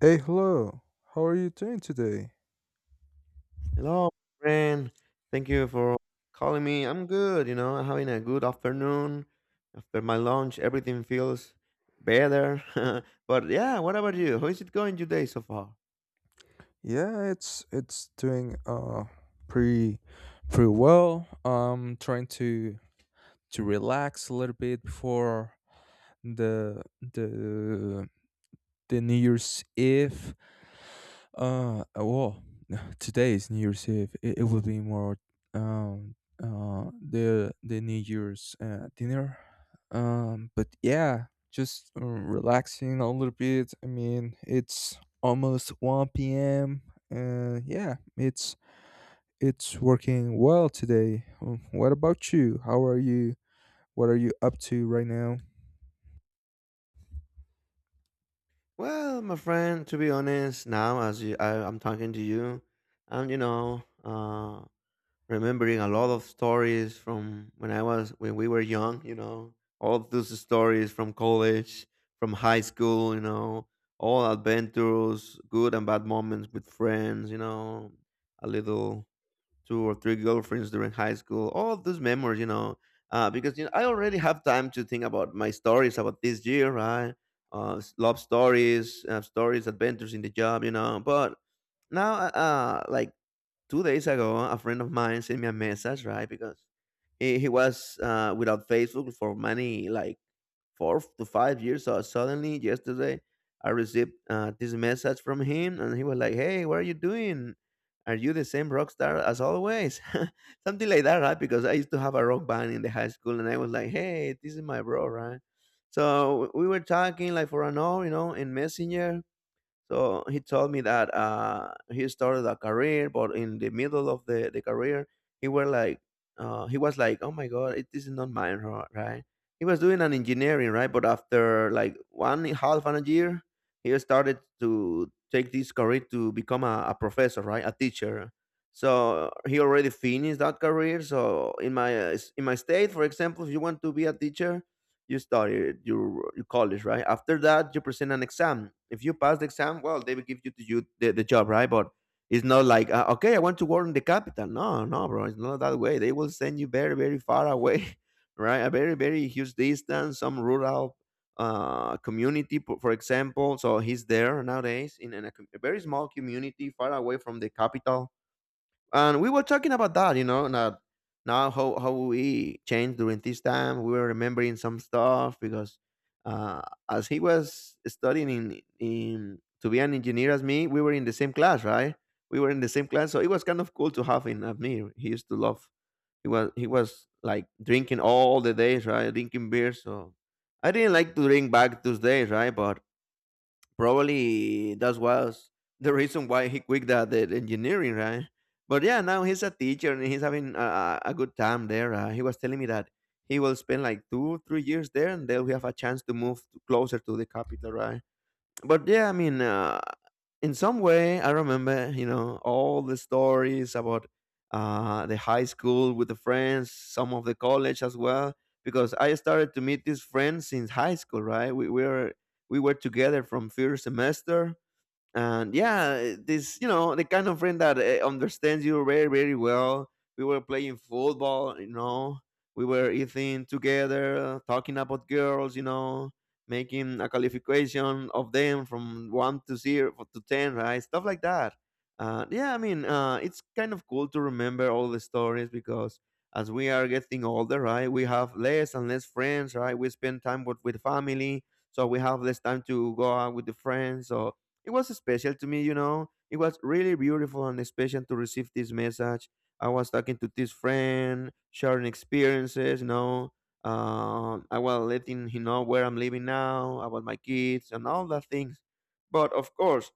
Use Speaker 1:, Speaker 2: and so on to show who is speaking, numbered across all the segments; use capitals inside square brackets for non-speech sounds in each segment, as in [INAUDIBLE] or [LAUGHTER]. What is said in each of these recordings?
Speaker 1: Hey, hello. How are you doing today?
Speaker 2: Hello, friend. Thank you for calling me. I'm good, you know, I'm having a good afternoon. After my lunch, everything feels better. [LAUGHS] But yeah, what about you? How is it going today so far?
Speaker 1: Yeah, it's doing pretty pretty well. I'm trying to relax a little bit before the the the New Year's Eve. Uh, well, [LAUGHS] today is New Year's Eve. It will be more um the New Year's dinner. But yeah, just relaxing a little bit. I mean, it's almost one p.m. and yeah, it's working well today. What about you? How are you? What are you up to right now?
Speaker 2: Well, my friend, to be honest, now as you, I'm talking to you, I'm, you know, remembering a lot of stories from when I was when we were young, you know, all of those stories from college, from high school, you know, all adventures, good and bad moments with friends, you know, a little two or three girlfriends during high school, all of those memories, you know, because you know, I already have time to think about my stories about this year, right? Love stories, stories, adventures in the job, you know, but now like 2 days ago, a friend of mine sent me a message, right? Because he was without Facebook for many, like 4 to 5 years. So suddenly, yesterday, I received this message from him, and he was like, "Hey, what are you doing? Are you the same rock star as always?" [LAUGHS] Something like that, right? Because I used to have a rock band in the high school, and I was like, "Hey, this is my bro, right?" So we were talking like for an hour, you know, in Messenger, so he told me that he started a career, but in the middle of the career, he were like, he was like, oh my god, this is not mine, right? He was doing an engineering, right? But after like one and a half and a year, he started to take this career to become a professor, right? A teacher. So he already finished that career. So in my in my state, for example, if you want to be a teacher, you studied your college, right? After that, you present an exam. If you pass the exam, well, they will give to you the job, right? But it's not like, okay, I want to work in the capital. No, no, bro, it's not that way. They will send you very, very far away, [LAUGHS] right? A very, very huge distance, some rural community, for example. So he's there nowadays in, a very small community far away from the capital, and we were talking about that, you know, that now how we changed during this time. We were remembering some stuff because uh, as he was studying in to be an engineer as me, we were in the same class, right? We were in the same class, so it was kind of cool to have him as me. He used to love. He was like drinking all the days, right? Drinking beer, so I didn't like to drink back those days, right? But probably that was the reason why he quit that the engineering, right? But yeah, now he's a teacher and he's having a good time there. He was telling me that he will spend like two, 3 years there, and they'll have a chance to closer to the capital, right? But yeah, I mean, in some way, I remember, you know, all the stories about the high school with the friends, some of the college as well, because I started to meet these friends since high school, right? We were together from first semester, and yeah, this you know the kind of friend that understands you very very well. We were playing football, you know. We were eating together, talking about girls, you know, making a qualification of them from one to zero to ten, right? Stuff like that. Yeah, I mean, it's kind of cool to remember all the stories because as we are getting older, right, we have less and less friends, right? We spend time with family, so we have less time to go out with the friends. So it was special to me, you know. It was really beautiful and special to receive this message. I was talking to this friend, sharing experiences, you know. I was letting him know where I'm living now, about my kids, and all the things. But of course,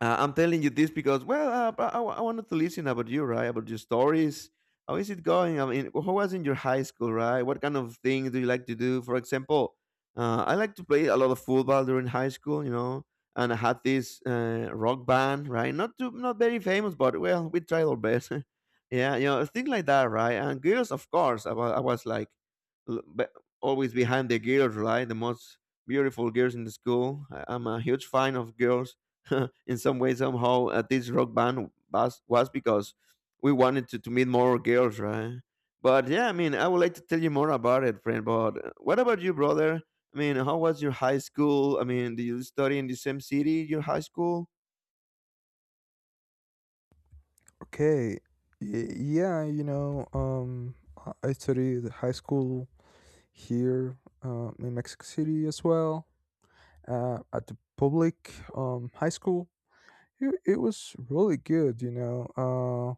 Speaker 2: I'm telling you this because, well, I wanted to listen about you, right? About your stories. How is it going? I mean, who was in your high school, right? What kind of things do you like to do? For example, I like to play a lot of football during high school, you know, and I had this rock band, right? Not too, not very famous, but well, we tried our best. [LAUGHS] Yeah, you know, things like that, right? And girls, of course, I was like l- be- always behind the girls, right? The most beautiful girls in the school. I'm a huge fan of girls [LAUGHS] in some way somehow this rock band was because we wanted to meet more girls, right? But yeah, I mean, I would like to tell you more about it, friend, but what about you, brother? I mean, how was your high school? I mean, did you study in the same city, your high school?
Speaker 1: Okay. Yeah, you know, I studied high school here in Mexico City as well , at the public high school. It was really good, you know. Uh,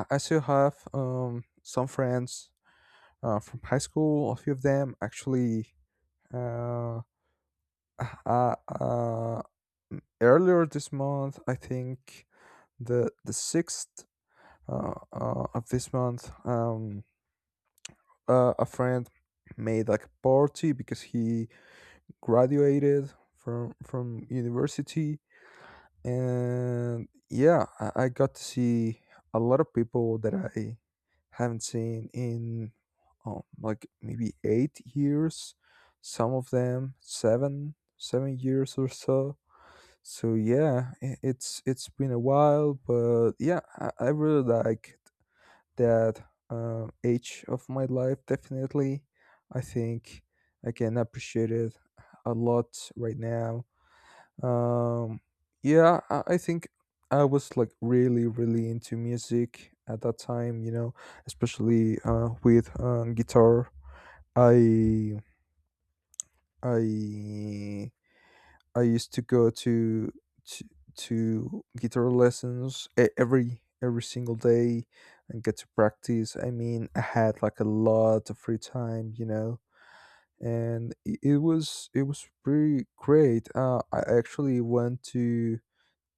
Speaker 1: I, I still have some friends from high school. A few of them actually. Uh, uh, uh, Earlier this month, I think the sixth of this month. A friend made like a party because he graduated from university, and yeah, I got to see a lot of people that I haven't seen in like maybe 8 years, some of them seven years or so. So yeah, it's been a while. But yeah, I really like that age of my life. Definitely, I think I can appreciate it a lot right now. Um, yeah, I think I was like really, really into music at that time. You know, especially with guitar. I I I used to go to, to guitar lessons every single day and get to practice. I mean, I had like a lot of free time, you know, and it was it was pretty great. I actually went to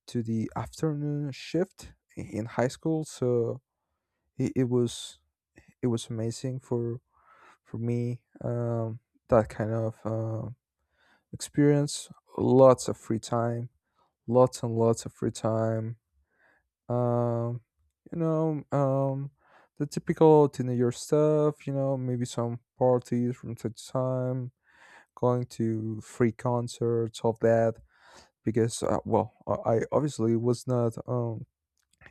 Speaker 1: the afternoon shift in high school, so it, it was amazing for me. That kind of experience, lots of free time, lots and lots of free time. Um, you know, um, the typical teenager stuff. You know, maybe some parties from time to time, going to free concerts, all that. Because well, I obviously was not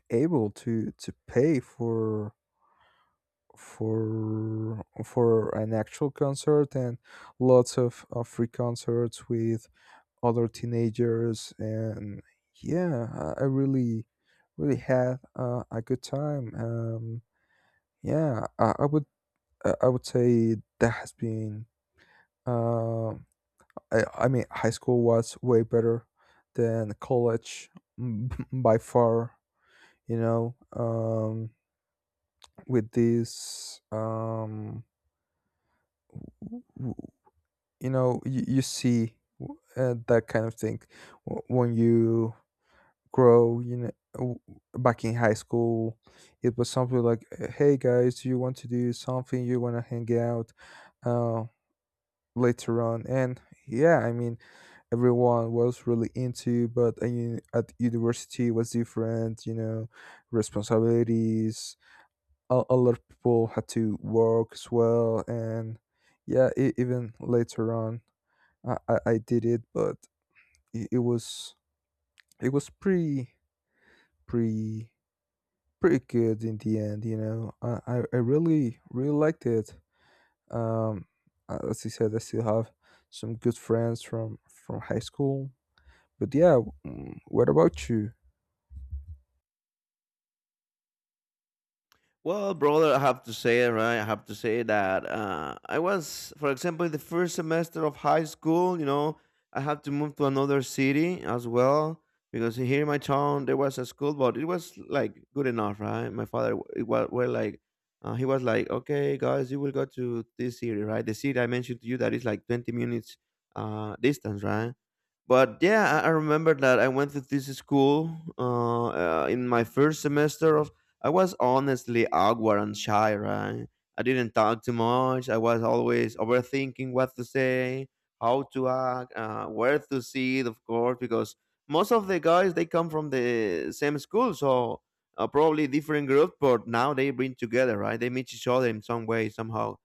Speaker 1: able to pay for an actual concert, and lots of free concerts with other teenagers. And yeah, I really really had a good time. Um yeah i, I would i I would say that has been um I mean high school was way better than college [LAUGHS] by far, you know. Um with this w- w- You know, you see that kind of thing when you grow. You know, back in high school it was something like, "Hey guys, you want to do something? You want to hang out uh, later on?" And yeah, I mean, everyone was really into. But I mean, at university was different, you know. Responsibilities. A lot of people had to work as well. And yeah, even later on, I did it. But it, it was pretty pretty good in the end. You know, I really really liked it. Um, as I said, I still have some good friends from high school. But yeah, mm, what about you?
Speaker 2: Well, brother, I have to say, right? I have to say that I was, for example, in the first semester of high school, you know, I had to move to another city as well because here in my town there was a school, but it was like good enough, right? My father, it was well, like, he was like, okay, guys, you will go to this city, right? The city I mentioned to you that is like 20 minutes distance, right? But yeah, I remember that I went to this school in my first semester of. I was honestly awkward and shy, right? I didn't talk too much. I was always overthinking what to say, how to act, where to sit, of course, because most of the guys they come from the same school, so probably different group, but now they bring together, right? They meet each other in some way, somehow.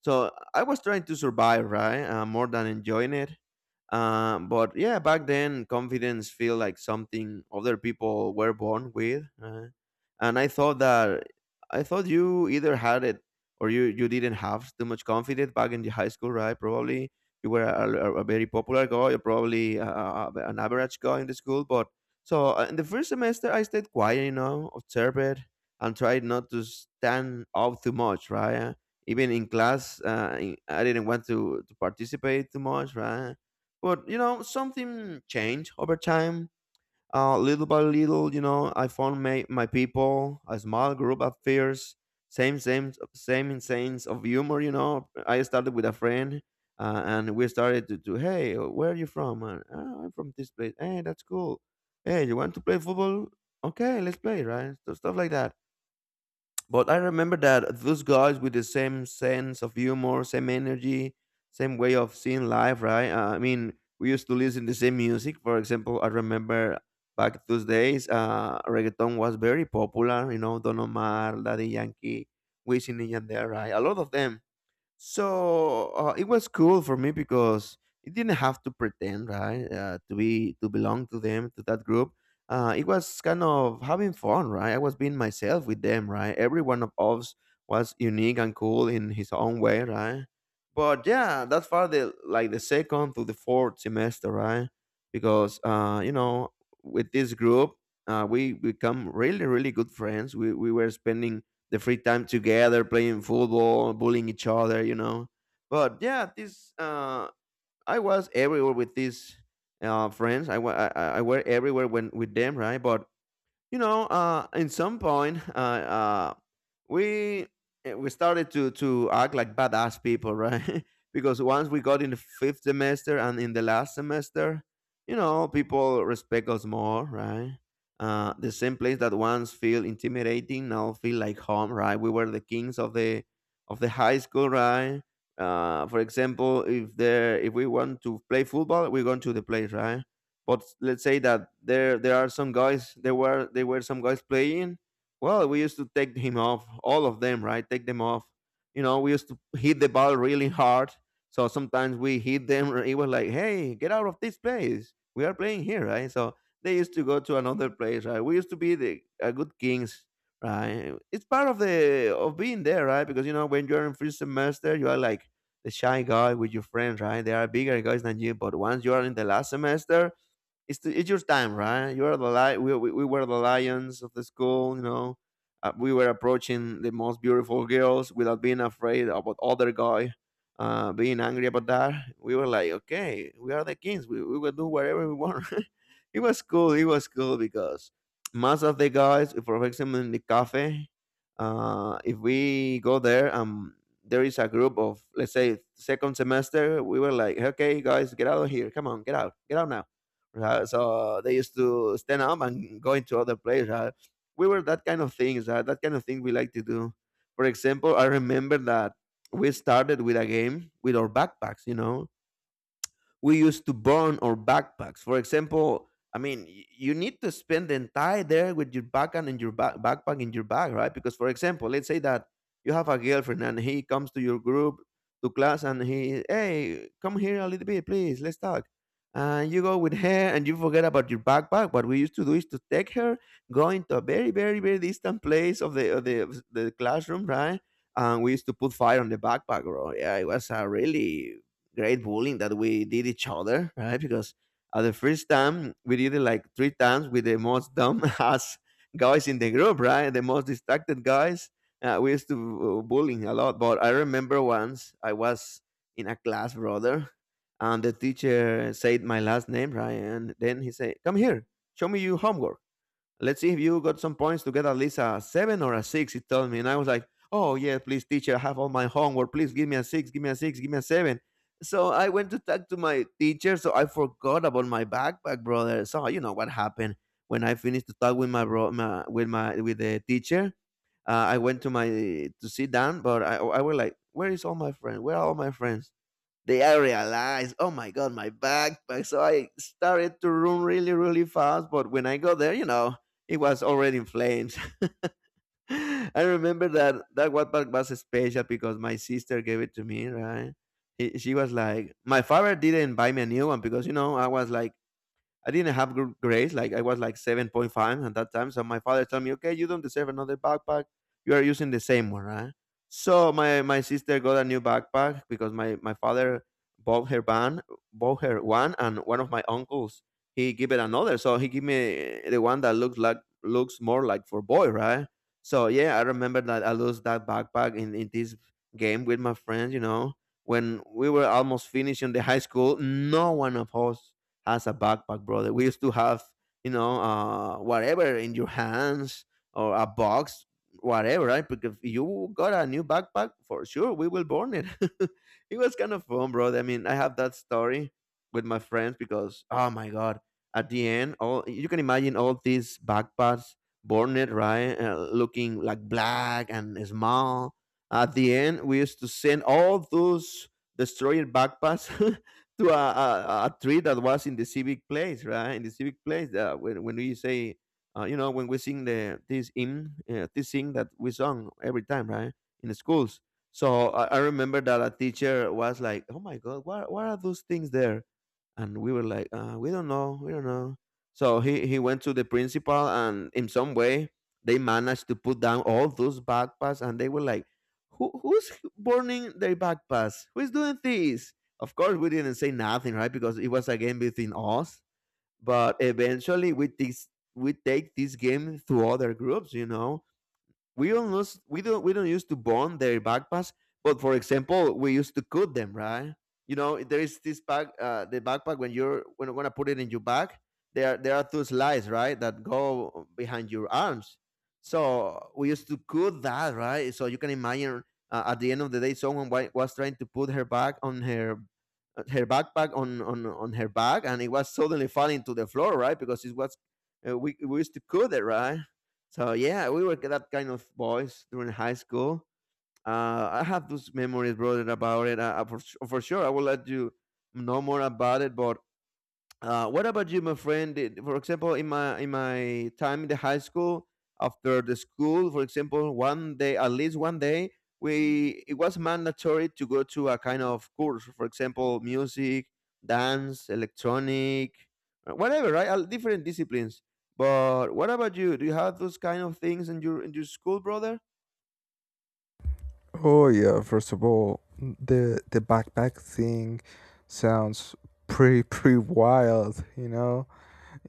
Speaker 2: So I was trying to survive, right? More than enjoying it, but yeah, back then confidence feel like something other people were born with, and I thought you either had it or you didn't have too much confidence back in the high school, right? Probably you were a very popular guy, or probably an average guy in the school. But so in the first semester, I stayed quiet, you know, observed and tried not to stand out too much, right? Even in class, I didn't want to participate too much, right? But you know, something changed over time. Little by little, you know, I found my people, a small group of fears, same insanes of humor. You know, I started with a friend, and we started to hey, where are you from? "Ah, I'm from this place. Hey, that's cool. Hey, you want to play football? Okay, let's play, right? So stuff like that, but I remember that those guys with the same sense of humor, same energy, same way of seeing life, right? I mean, we used to listen the same music. For example, I remember back those days, reggaeton was very popular. You know, Don Omar, Daddy Yankee, Wisin and Yandere, right? A lot of them. So it was cool for me because it didn't have to pretend, right, to be to belong to them to that group. It was kind of having fun, right? I was being myself with them, right? Every one of us was unique and cool in his own way, right? But yeah, that's far the like the second to the fourth semester, right? Because you know, with this group, we become really, really good friends. We were spending the free time together, playing football, bullying each other, you know. But yeah, this I was everywhere with these friends. I, wa- I were everywhere when with them, right? But you know, in some point, we we started to act like badass people, right? [LAUGHS] Because once we got in the fifth semester and in the last semester, you know, people respect us more, right? The same place that once feel intimidating now feel like home, right? We were the kings of the high school, right? For example, if we want to play football, we go to the place, right? But let's say that there are some guys there were some guys playing. Well, we used to take him off, all of them, right? Take them off. You know, we used to hit the ball really hard. So sometimes we hit them, or it was like, hey, get out of this place. We are playing here, right? So they used to go to another place, right? We used to be the good kings, right? It's part of being there, right? Because you know when you're in first semester, you are like the shy guy with your friends, right? There are bigger guys than you, but once you are in the last semester, it's your time, right? You are the li- we were the lions of the school, you know. We were approaching the most beautiful girls without being afraid about other guy being angry about that. We were like, okay, we are the kings. We will do whatever we want. [LAUGHS] It was cool. It was cool because most of the guys, for example, in the cafe, if we go there, there is a group of, let's say, second semester. We were like, okay, guys, get out of here. Come on, get out now. Right, so they used to stand up and go into other players. We were that kind of things. That kind of thing we like to do. For example, I remember that we started with a game with our backpacks. You know, we used to burn our backpacks. For example, I mean, you need to spend the entire day with your backpack and your backpack in your bag, right? Because, for example, let's say that you have a girlfriend and he comes to your group to class and he, hey, come here a little bit, please, let's talk. And you go with her and you forget about your backpack. What we used to do is to take her, go into a very, very, very distant place of the classroom, right? And we used to put fire on the backpack, bro. Yeah, it was a really great bullying that we did each other, right? Because at the first time we did it like three times with the most dumb [LAUGHS] ass guys in the group, right? The most distracted guys. We used to bullying a lot, but I remember once I was in a class, brother, and the teacher said my last name, right? And then he said, "Come here, show me your homework. Let's see if you got some points to get at least a seven or a six." He told me, and I was like, oh yeah, please, teacher, I have all my homework. Please give me a six, give me a six, give me a seven. So I went to talk to my teacher, so I forgot about my backpack, brother. So you know what happened when I finished to talk with my bro, my with the teacher. I went to my to sit down, but I was like, where is all my friends? Where are all my friends? They I realized, oh my god, my backpack. So I started to run really, really fast. But when I got there, you know, it was already in flames. [LAUGHS] I remember that that backpack was special because my sister gave it to me, right? She was like, my father didn't buy me a new one because you know I was like I didn't have good grades. Like I was like 7.5 at that time. So my father told me, okay, you don't deserve another backpack. You are using the same one, right? So my sister got a new backpack because my father bought her one, and one of my uncles he gave it another. So he gave me the one that looks more like for boy, right? So yeah, I remember that I lost that backpack in this game with my friends. You know, when we were almost finishing the high school, no one of us has a backpack, brother. We used to have, you know, whatever in your hands or a box, whatever, right? Because if you got a new backpack, for sure, we will burn it. [LAUGHS] It was kind of fun, brother. I mean, I have that story with my friends because, oh my God, at the end, all you can imagine all these backpacks burned, right? Looking like black and small. At the end, we used to send all those destroyed backpacks [LAUGHS] to a tree that was in the civic place, right? In the civic place, when we say, you know, when we sing the this hymn, this thing that we sung every time, right, in the schools. So I remember that a teacher was like, "Oh my God, what are those things there?" And we were like, "We don't know, we don't know." So he went to the principal, and in some way they managed to put down all those backpacks, and they were like. Who's burning their backpacks? Who's doing this? Of course, we didn't say nothing, right? Because it was a game between us. But eventually, we take this game to other groups. You know, we don't use to bond their backpacks, but for example we used to cut them, right? You know, there is this bag, the backpack, when you're gonna put it in your bag, there are two slides, right, that go behind your arms. So we used to cut that, right? So you can imagine, at the end of the day someone was trying to put her bag on her, her backpack on her bag, and it was suddenly falling to the floor, right? Because it was we used to cut it, right? So yeah, we were that kind of boys during high school. I have those memories, brother, about it. For sure, I will let you know more about it. But what about you, my friend? For example, in my time in the high school, after the school, for example, one day at least one day, we it was mandatory to go to a kind of course. For example, music, dance, electronic, whatever, right? Different disciplines. But what about you? Do you have those kind of things in your school, brother?
Speaker 1: Oh yeah, first of all, the backpack thing sounds pretty [LAUGHS] pretty wild. You know,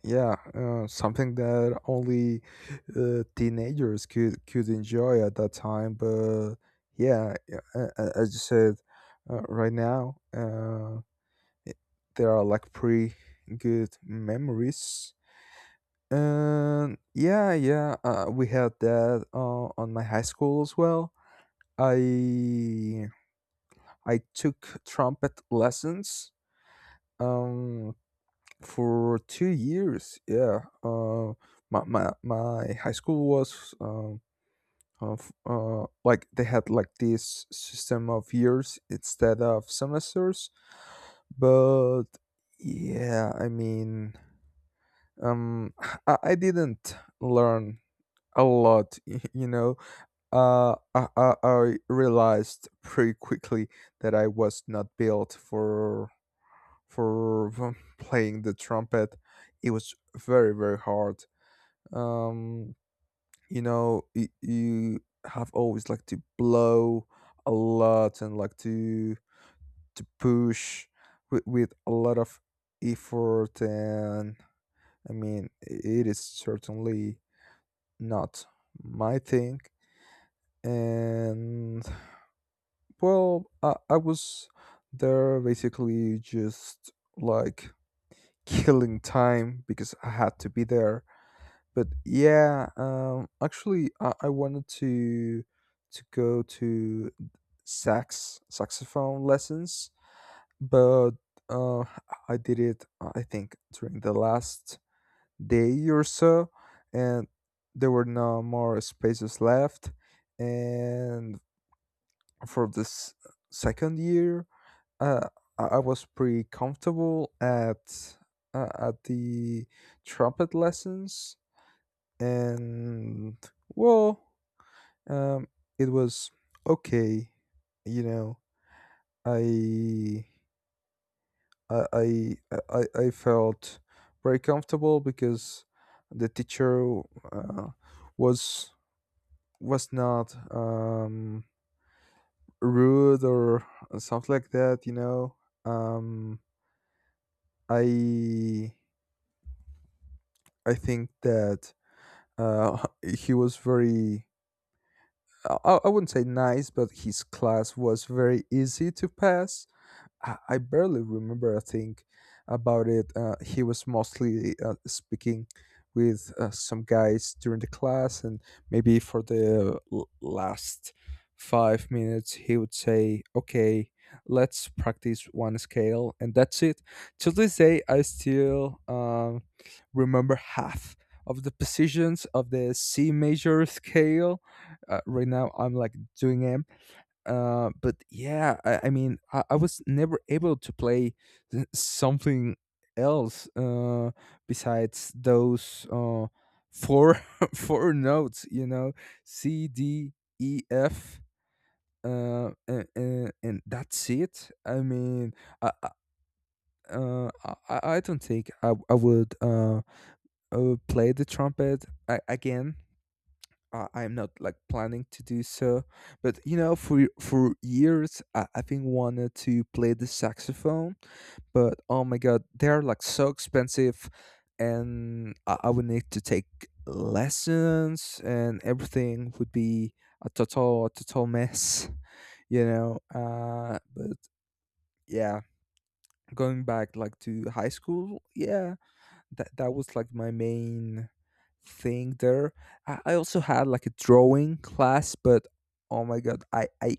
Speaker 1: yeah, something that only teenagers could enjoy at that time. But yeah, yeah, as you said, right now it- there are like pretty good memories. And yeah, yeah, we had that on my high school as well. I I took trumpet lessons. Um, for 2 years. Yeah, my high school was of like they had like this system of years instead of semesters. But yeah, I mean, um, [SIGHS] I didn't learn a lot. [LAUGHS] You know, I realized pretty quickly that I was not built for [LAUGHS] playing the trumpet. It was very very hard. um you know, you have always like to blow a lot and like to push with a lot of effort. And I mean, it is certainly not my thing. And well, I was there basically just like killing time because I had to be there. But yeah, actually, I wanted to go to saxophone lessons, but uh, I did it. I think during the last day or so, and there were no more spaces left. And for this second year, uh, I was pretty comfortable at the trumpet lessons. And well, um it was okay, you know. I i i i, I felt very comfortable because the teacher uh, was not rude or something like that, you know. Um i i think that uh [LAUGHS] he was very, I wouldn't say nice, but his class was very easy to pass. I barely remember a thing about it. He was mostly speaking with some guys during the class, and maybe for the last 5 minutes, he would say, "Okay, let's practice one scale," and that's it. To this day, I still remember half of the positions of the C major scale. Right now, I'm like doing but yeah, I mean, I was never able to play [LAUGHS] something else besides those four [LAUGHS] four notes. You know, C, D, E, F, and that's it. I mean, I I- I don't think I would play the trumpet I again. I am not like planning to do so, but you know, for years, I've been wanted to play the saxophone, but oh my god, they're like so expensive, and I would need to take lessons, and everything would be a total mess, [LAUGHS] you know. But yeah, going back like to high school, yeah, that was like my main thing there. I also had like a drawing class, but oh my god,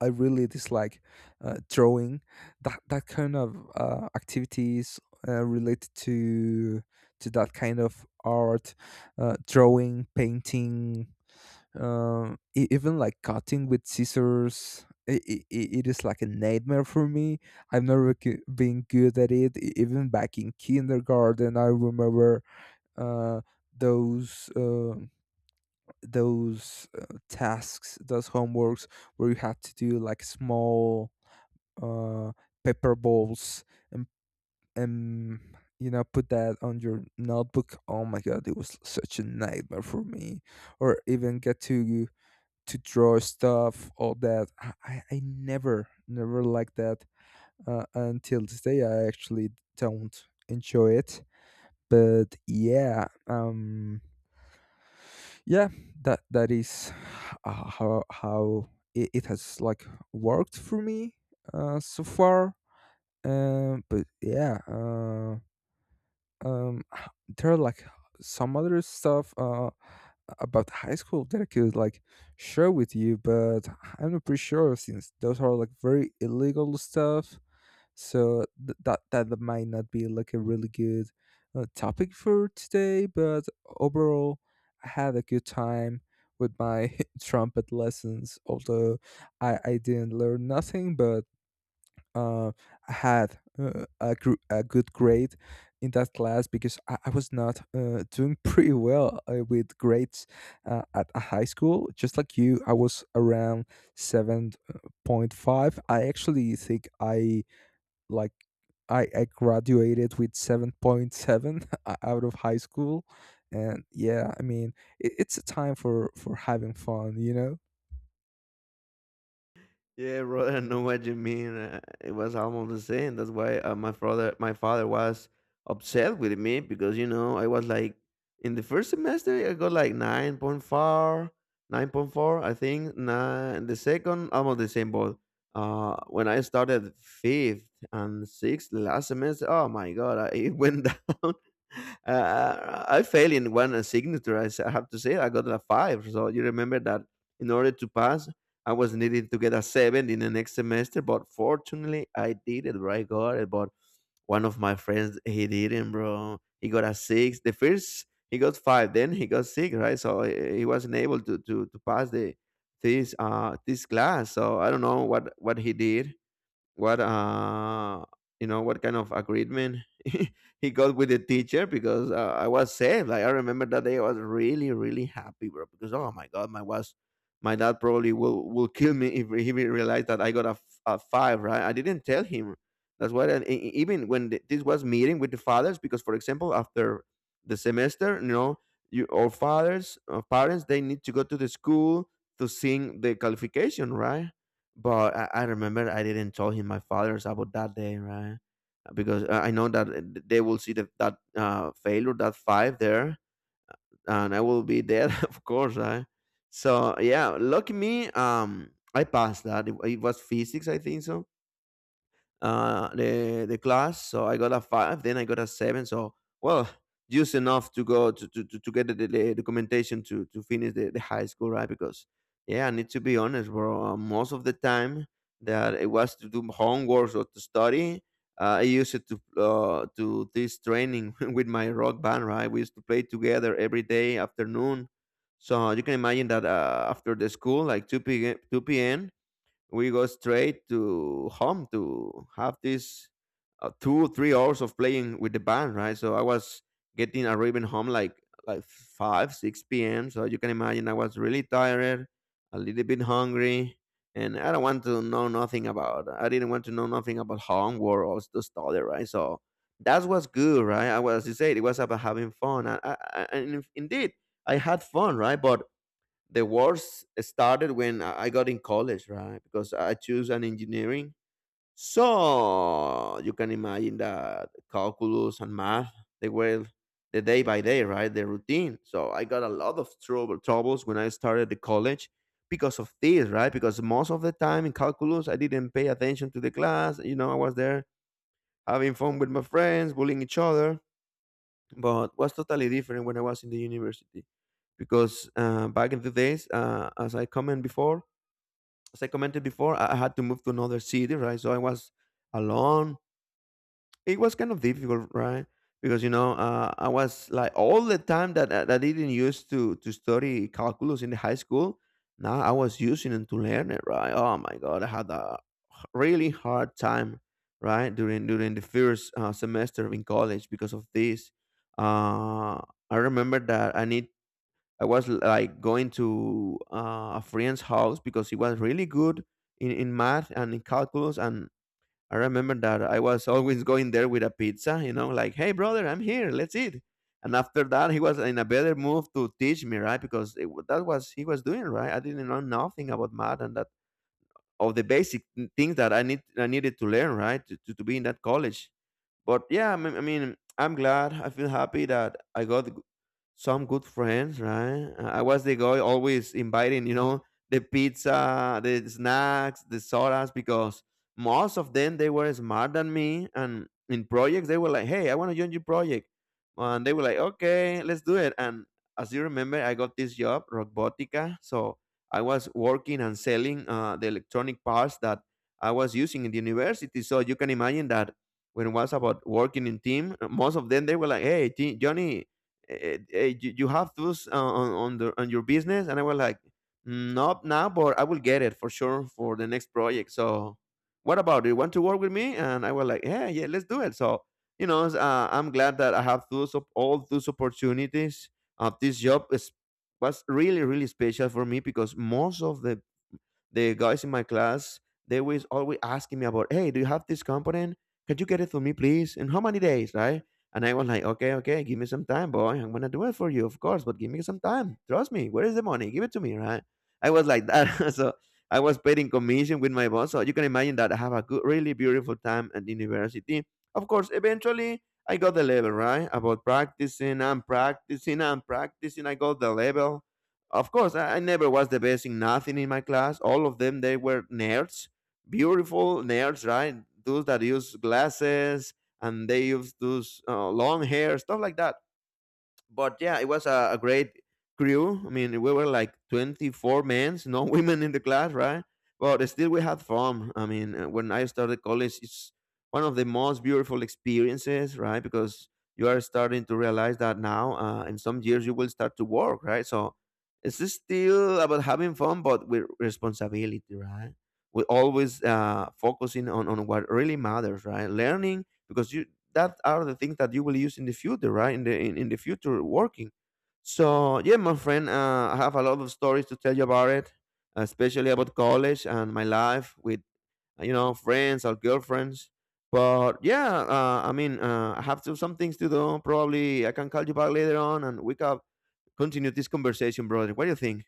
Speaker 1: I really dislike drawing. That kind of activities related to that kind of art, drawing, painting, even like cutting with scissors, it is like a nightmare for me. I've never been good at it. E- even back in kindergarten, I remember uh, those uh, those tasks, those homeworks where you had to do like small uh, paper balls, and and you know, put that on your notebook. Oh my god, it was such a nightmare for me. Or even get to draw stuff, all that. I never, never liked that until today. I actually don't enjoy it. But yeah, yeah, that is how it has like worked for me so far. But yeah, Um, [SIGHS] h- there are like some other stuff about high school that I could like share with you, but I'm not pretty sure since those are like very illegal stuff. So that that might not be like a really good topic for today. But overall, I had a good time with my [LAUGHS] trumpet lessons. Although I didn't learn nothing, but uh, had a good grade in that class because I was not doing [LAUGHS] pretty well with grades at a high school. Just like you, I was around 7.5. I actually think I like. I graduated with 7.7 [LAUGHS] out of high school. And yeah, I mean, it's a time for having fun, you know.
Speaker 2: Yeah, bro, [LAUGHS] I know what you mean. It was almost the same. That's why my father was upset with me because you know I was like in the first semester I got like 9.4, 9.4. I think. Nine. The second, almost the same. But when I started fifth and sixth last semester, oh my god, [LAUGHS] it went [LAUGHS] down. I failed in one signature. I have to say I got a five. So you remember that in order to pass I was needing to get a seven in the next semester, but fortunately I did it, right? Got it. But one of my friends, he didn't, bro. He got a six. The first he got five, then he got six, right? So he wasn't able to, pass the this this class. So I don't know what he did, what you know, what kind of agreement [LAUGHS] he got with the teacher because I was saved. Like I remember that day, I was really really happy, bro. Because oh my god, my dad probably will kill me [LAUGHS] if he realized that I got a five. Right? I didn't tell him. That's why. And even when this was meeting with the fathers, because for example, after the semester, you know, you or fathers or parents, they need to go to the school to sing the qualification, right? But I remember I didn't tell him my father's about that day, right? Because I know that they will see that failure, that five there, and I will be there, [LAUGHS] of course, right? So yeah, lucky me, I passed that. It was physics, I think so the class. So I got a five, then I got a seven. So well, just enough to go to get the documentation to finish the high school, right? Because yeah, I need to be honest, bro. Most of the time that it was to do homework or to study, I used it to this training [LAUGHS] with my rock band, right? We used to play together every day afternoon. So you can imagine that after the school, like 2 p.m., 2 p.m., we go straight to home to have this 2 3 hours of playing with the band, right? So I was getting arriving home like 5 6 p.m. So you can imagine I was really tired, a little bit hungry, and I didn't want to know nothing about homework or to study, right? So that was good, right? I was, as you said, it was about having fun. And indeed I had fun, right? But the worst started when I got in college, right? Because I choose an engineering. So you can imagine that calculus and math, they were the day by day, right? The routine. So I got a lot of troubles when I started the college because of this, right? Because most of the time in calculus I didn't pay attention to the class. You know, I was there having fun with my friends, bullying each other. But was totally different when I was in the university because back in the days, as I commented before, I had to move to another city, right? So I was alone. It was kind of difficult, right? Because you know, I was like all the time that that I didn't use to study calculus in the high school. Now I was using it to learn it, right? Oh my god, I had a really hard time, right? During the first semester in college because of this. Uh, I remember that I was like going to a friend's house because he was really good in math and in calculus. And I remember that I was [LAUGHS] always going there with a pizza, you know, like, hey, brother, I'm here, let's eat. And after that, he was in a better move to teach me, right? Because that was he was doing, right? I didn't know nothing about math and that of the basic things that I needed to learn, right, to be in that college. But yeah, I mean, I'm glad. I feel happy that I got some good friends, right? I was the guy always inviting, you know, the pizza, the snacks, the sodas, because most of them they were smarter than me, and in projects they were like, "Hey, I want to join your project," and they were like, "Okay, let's do it." And as you remember, I got this job, Robotica, so I was working and selling the electronic parts that I was using in the university. So you can imagine that when it was about working in team, most of them they were like, "Hey, Johnny, you have those on, on your business." And I was like, "Mm, not now, but I will get it for sure for the next project. So what about it? You want to work with me?" And I was like, "Yeah, yeah, let's do it." So you know, I'm glad that I have all those opportunities. This was really really special for me, because most of the guys in my class, they was always asking me about, "Hey, do you have this component? Can you get it for me, please? In how many days, right?" And I was like, "Okay, okay, give me some time, boy, I'm gonna do it for you, of course, but give me some time. Trust me. Where is the money? Give it to me, right?" I was like that. [LAUGHS] So I was paid in commission with my boss, so you can imagine that I have a good, really beautiful time at university. Of course, eventually I got the level, right? About practicing and practicing and practicing, I got the level. Of course, I never was the best in nothing in my class. All of them, they were nerds, beautiful nerds, right? Those that use glasses, and they use those long hair, stuff like that. But yeah, it was a great crew. I mean, we were like 24 men, no [LAUGHS] women in the class, right? But still, we had fun. I mean, when I started college, it's one of the most beautiful experiences, right? Because you are starting to realize that now, in some years, you will start to work, right? So it's just still about having fun, but with responsibility, right? We're always focusing on what really matters, right? Learning, because you, that are the things that you will use in the future, right? In the, in the future working. So yeah, my friend, I have a lot of stories to tell you about it, especially about college and my life with you know, friends or girlfriends. But yeah, I mean, I have to, some things to do. Probably I can call you back later on and we can continue this conversation, brother. What do you think?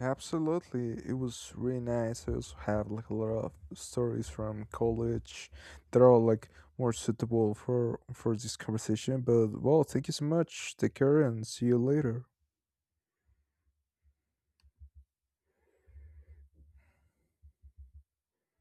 Speaker 1: Absolutely, it was really nice. I also have like a lot of stories from college that are like more suitable for this conversation. But well, thank you so much. Take care and see you later.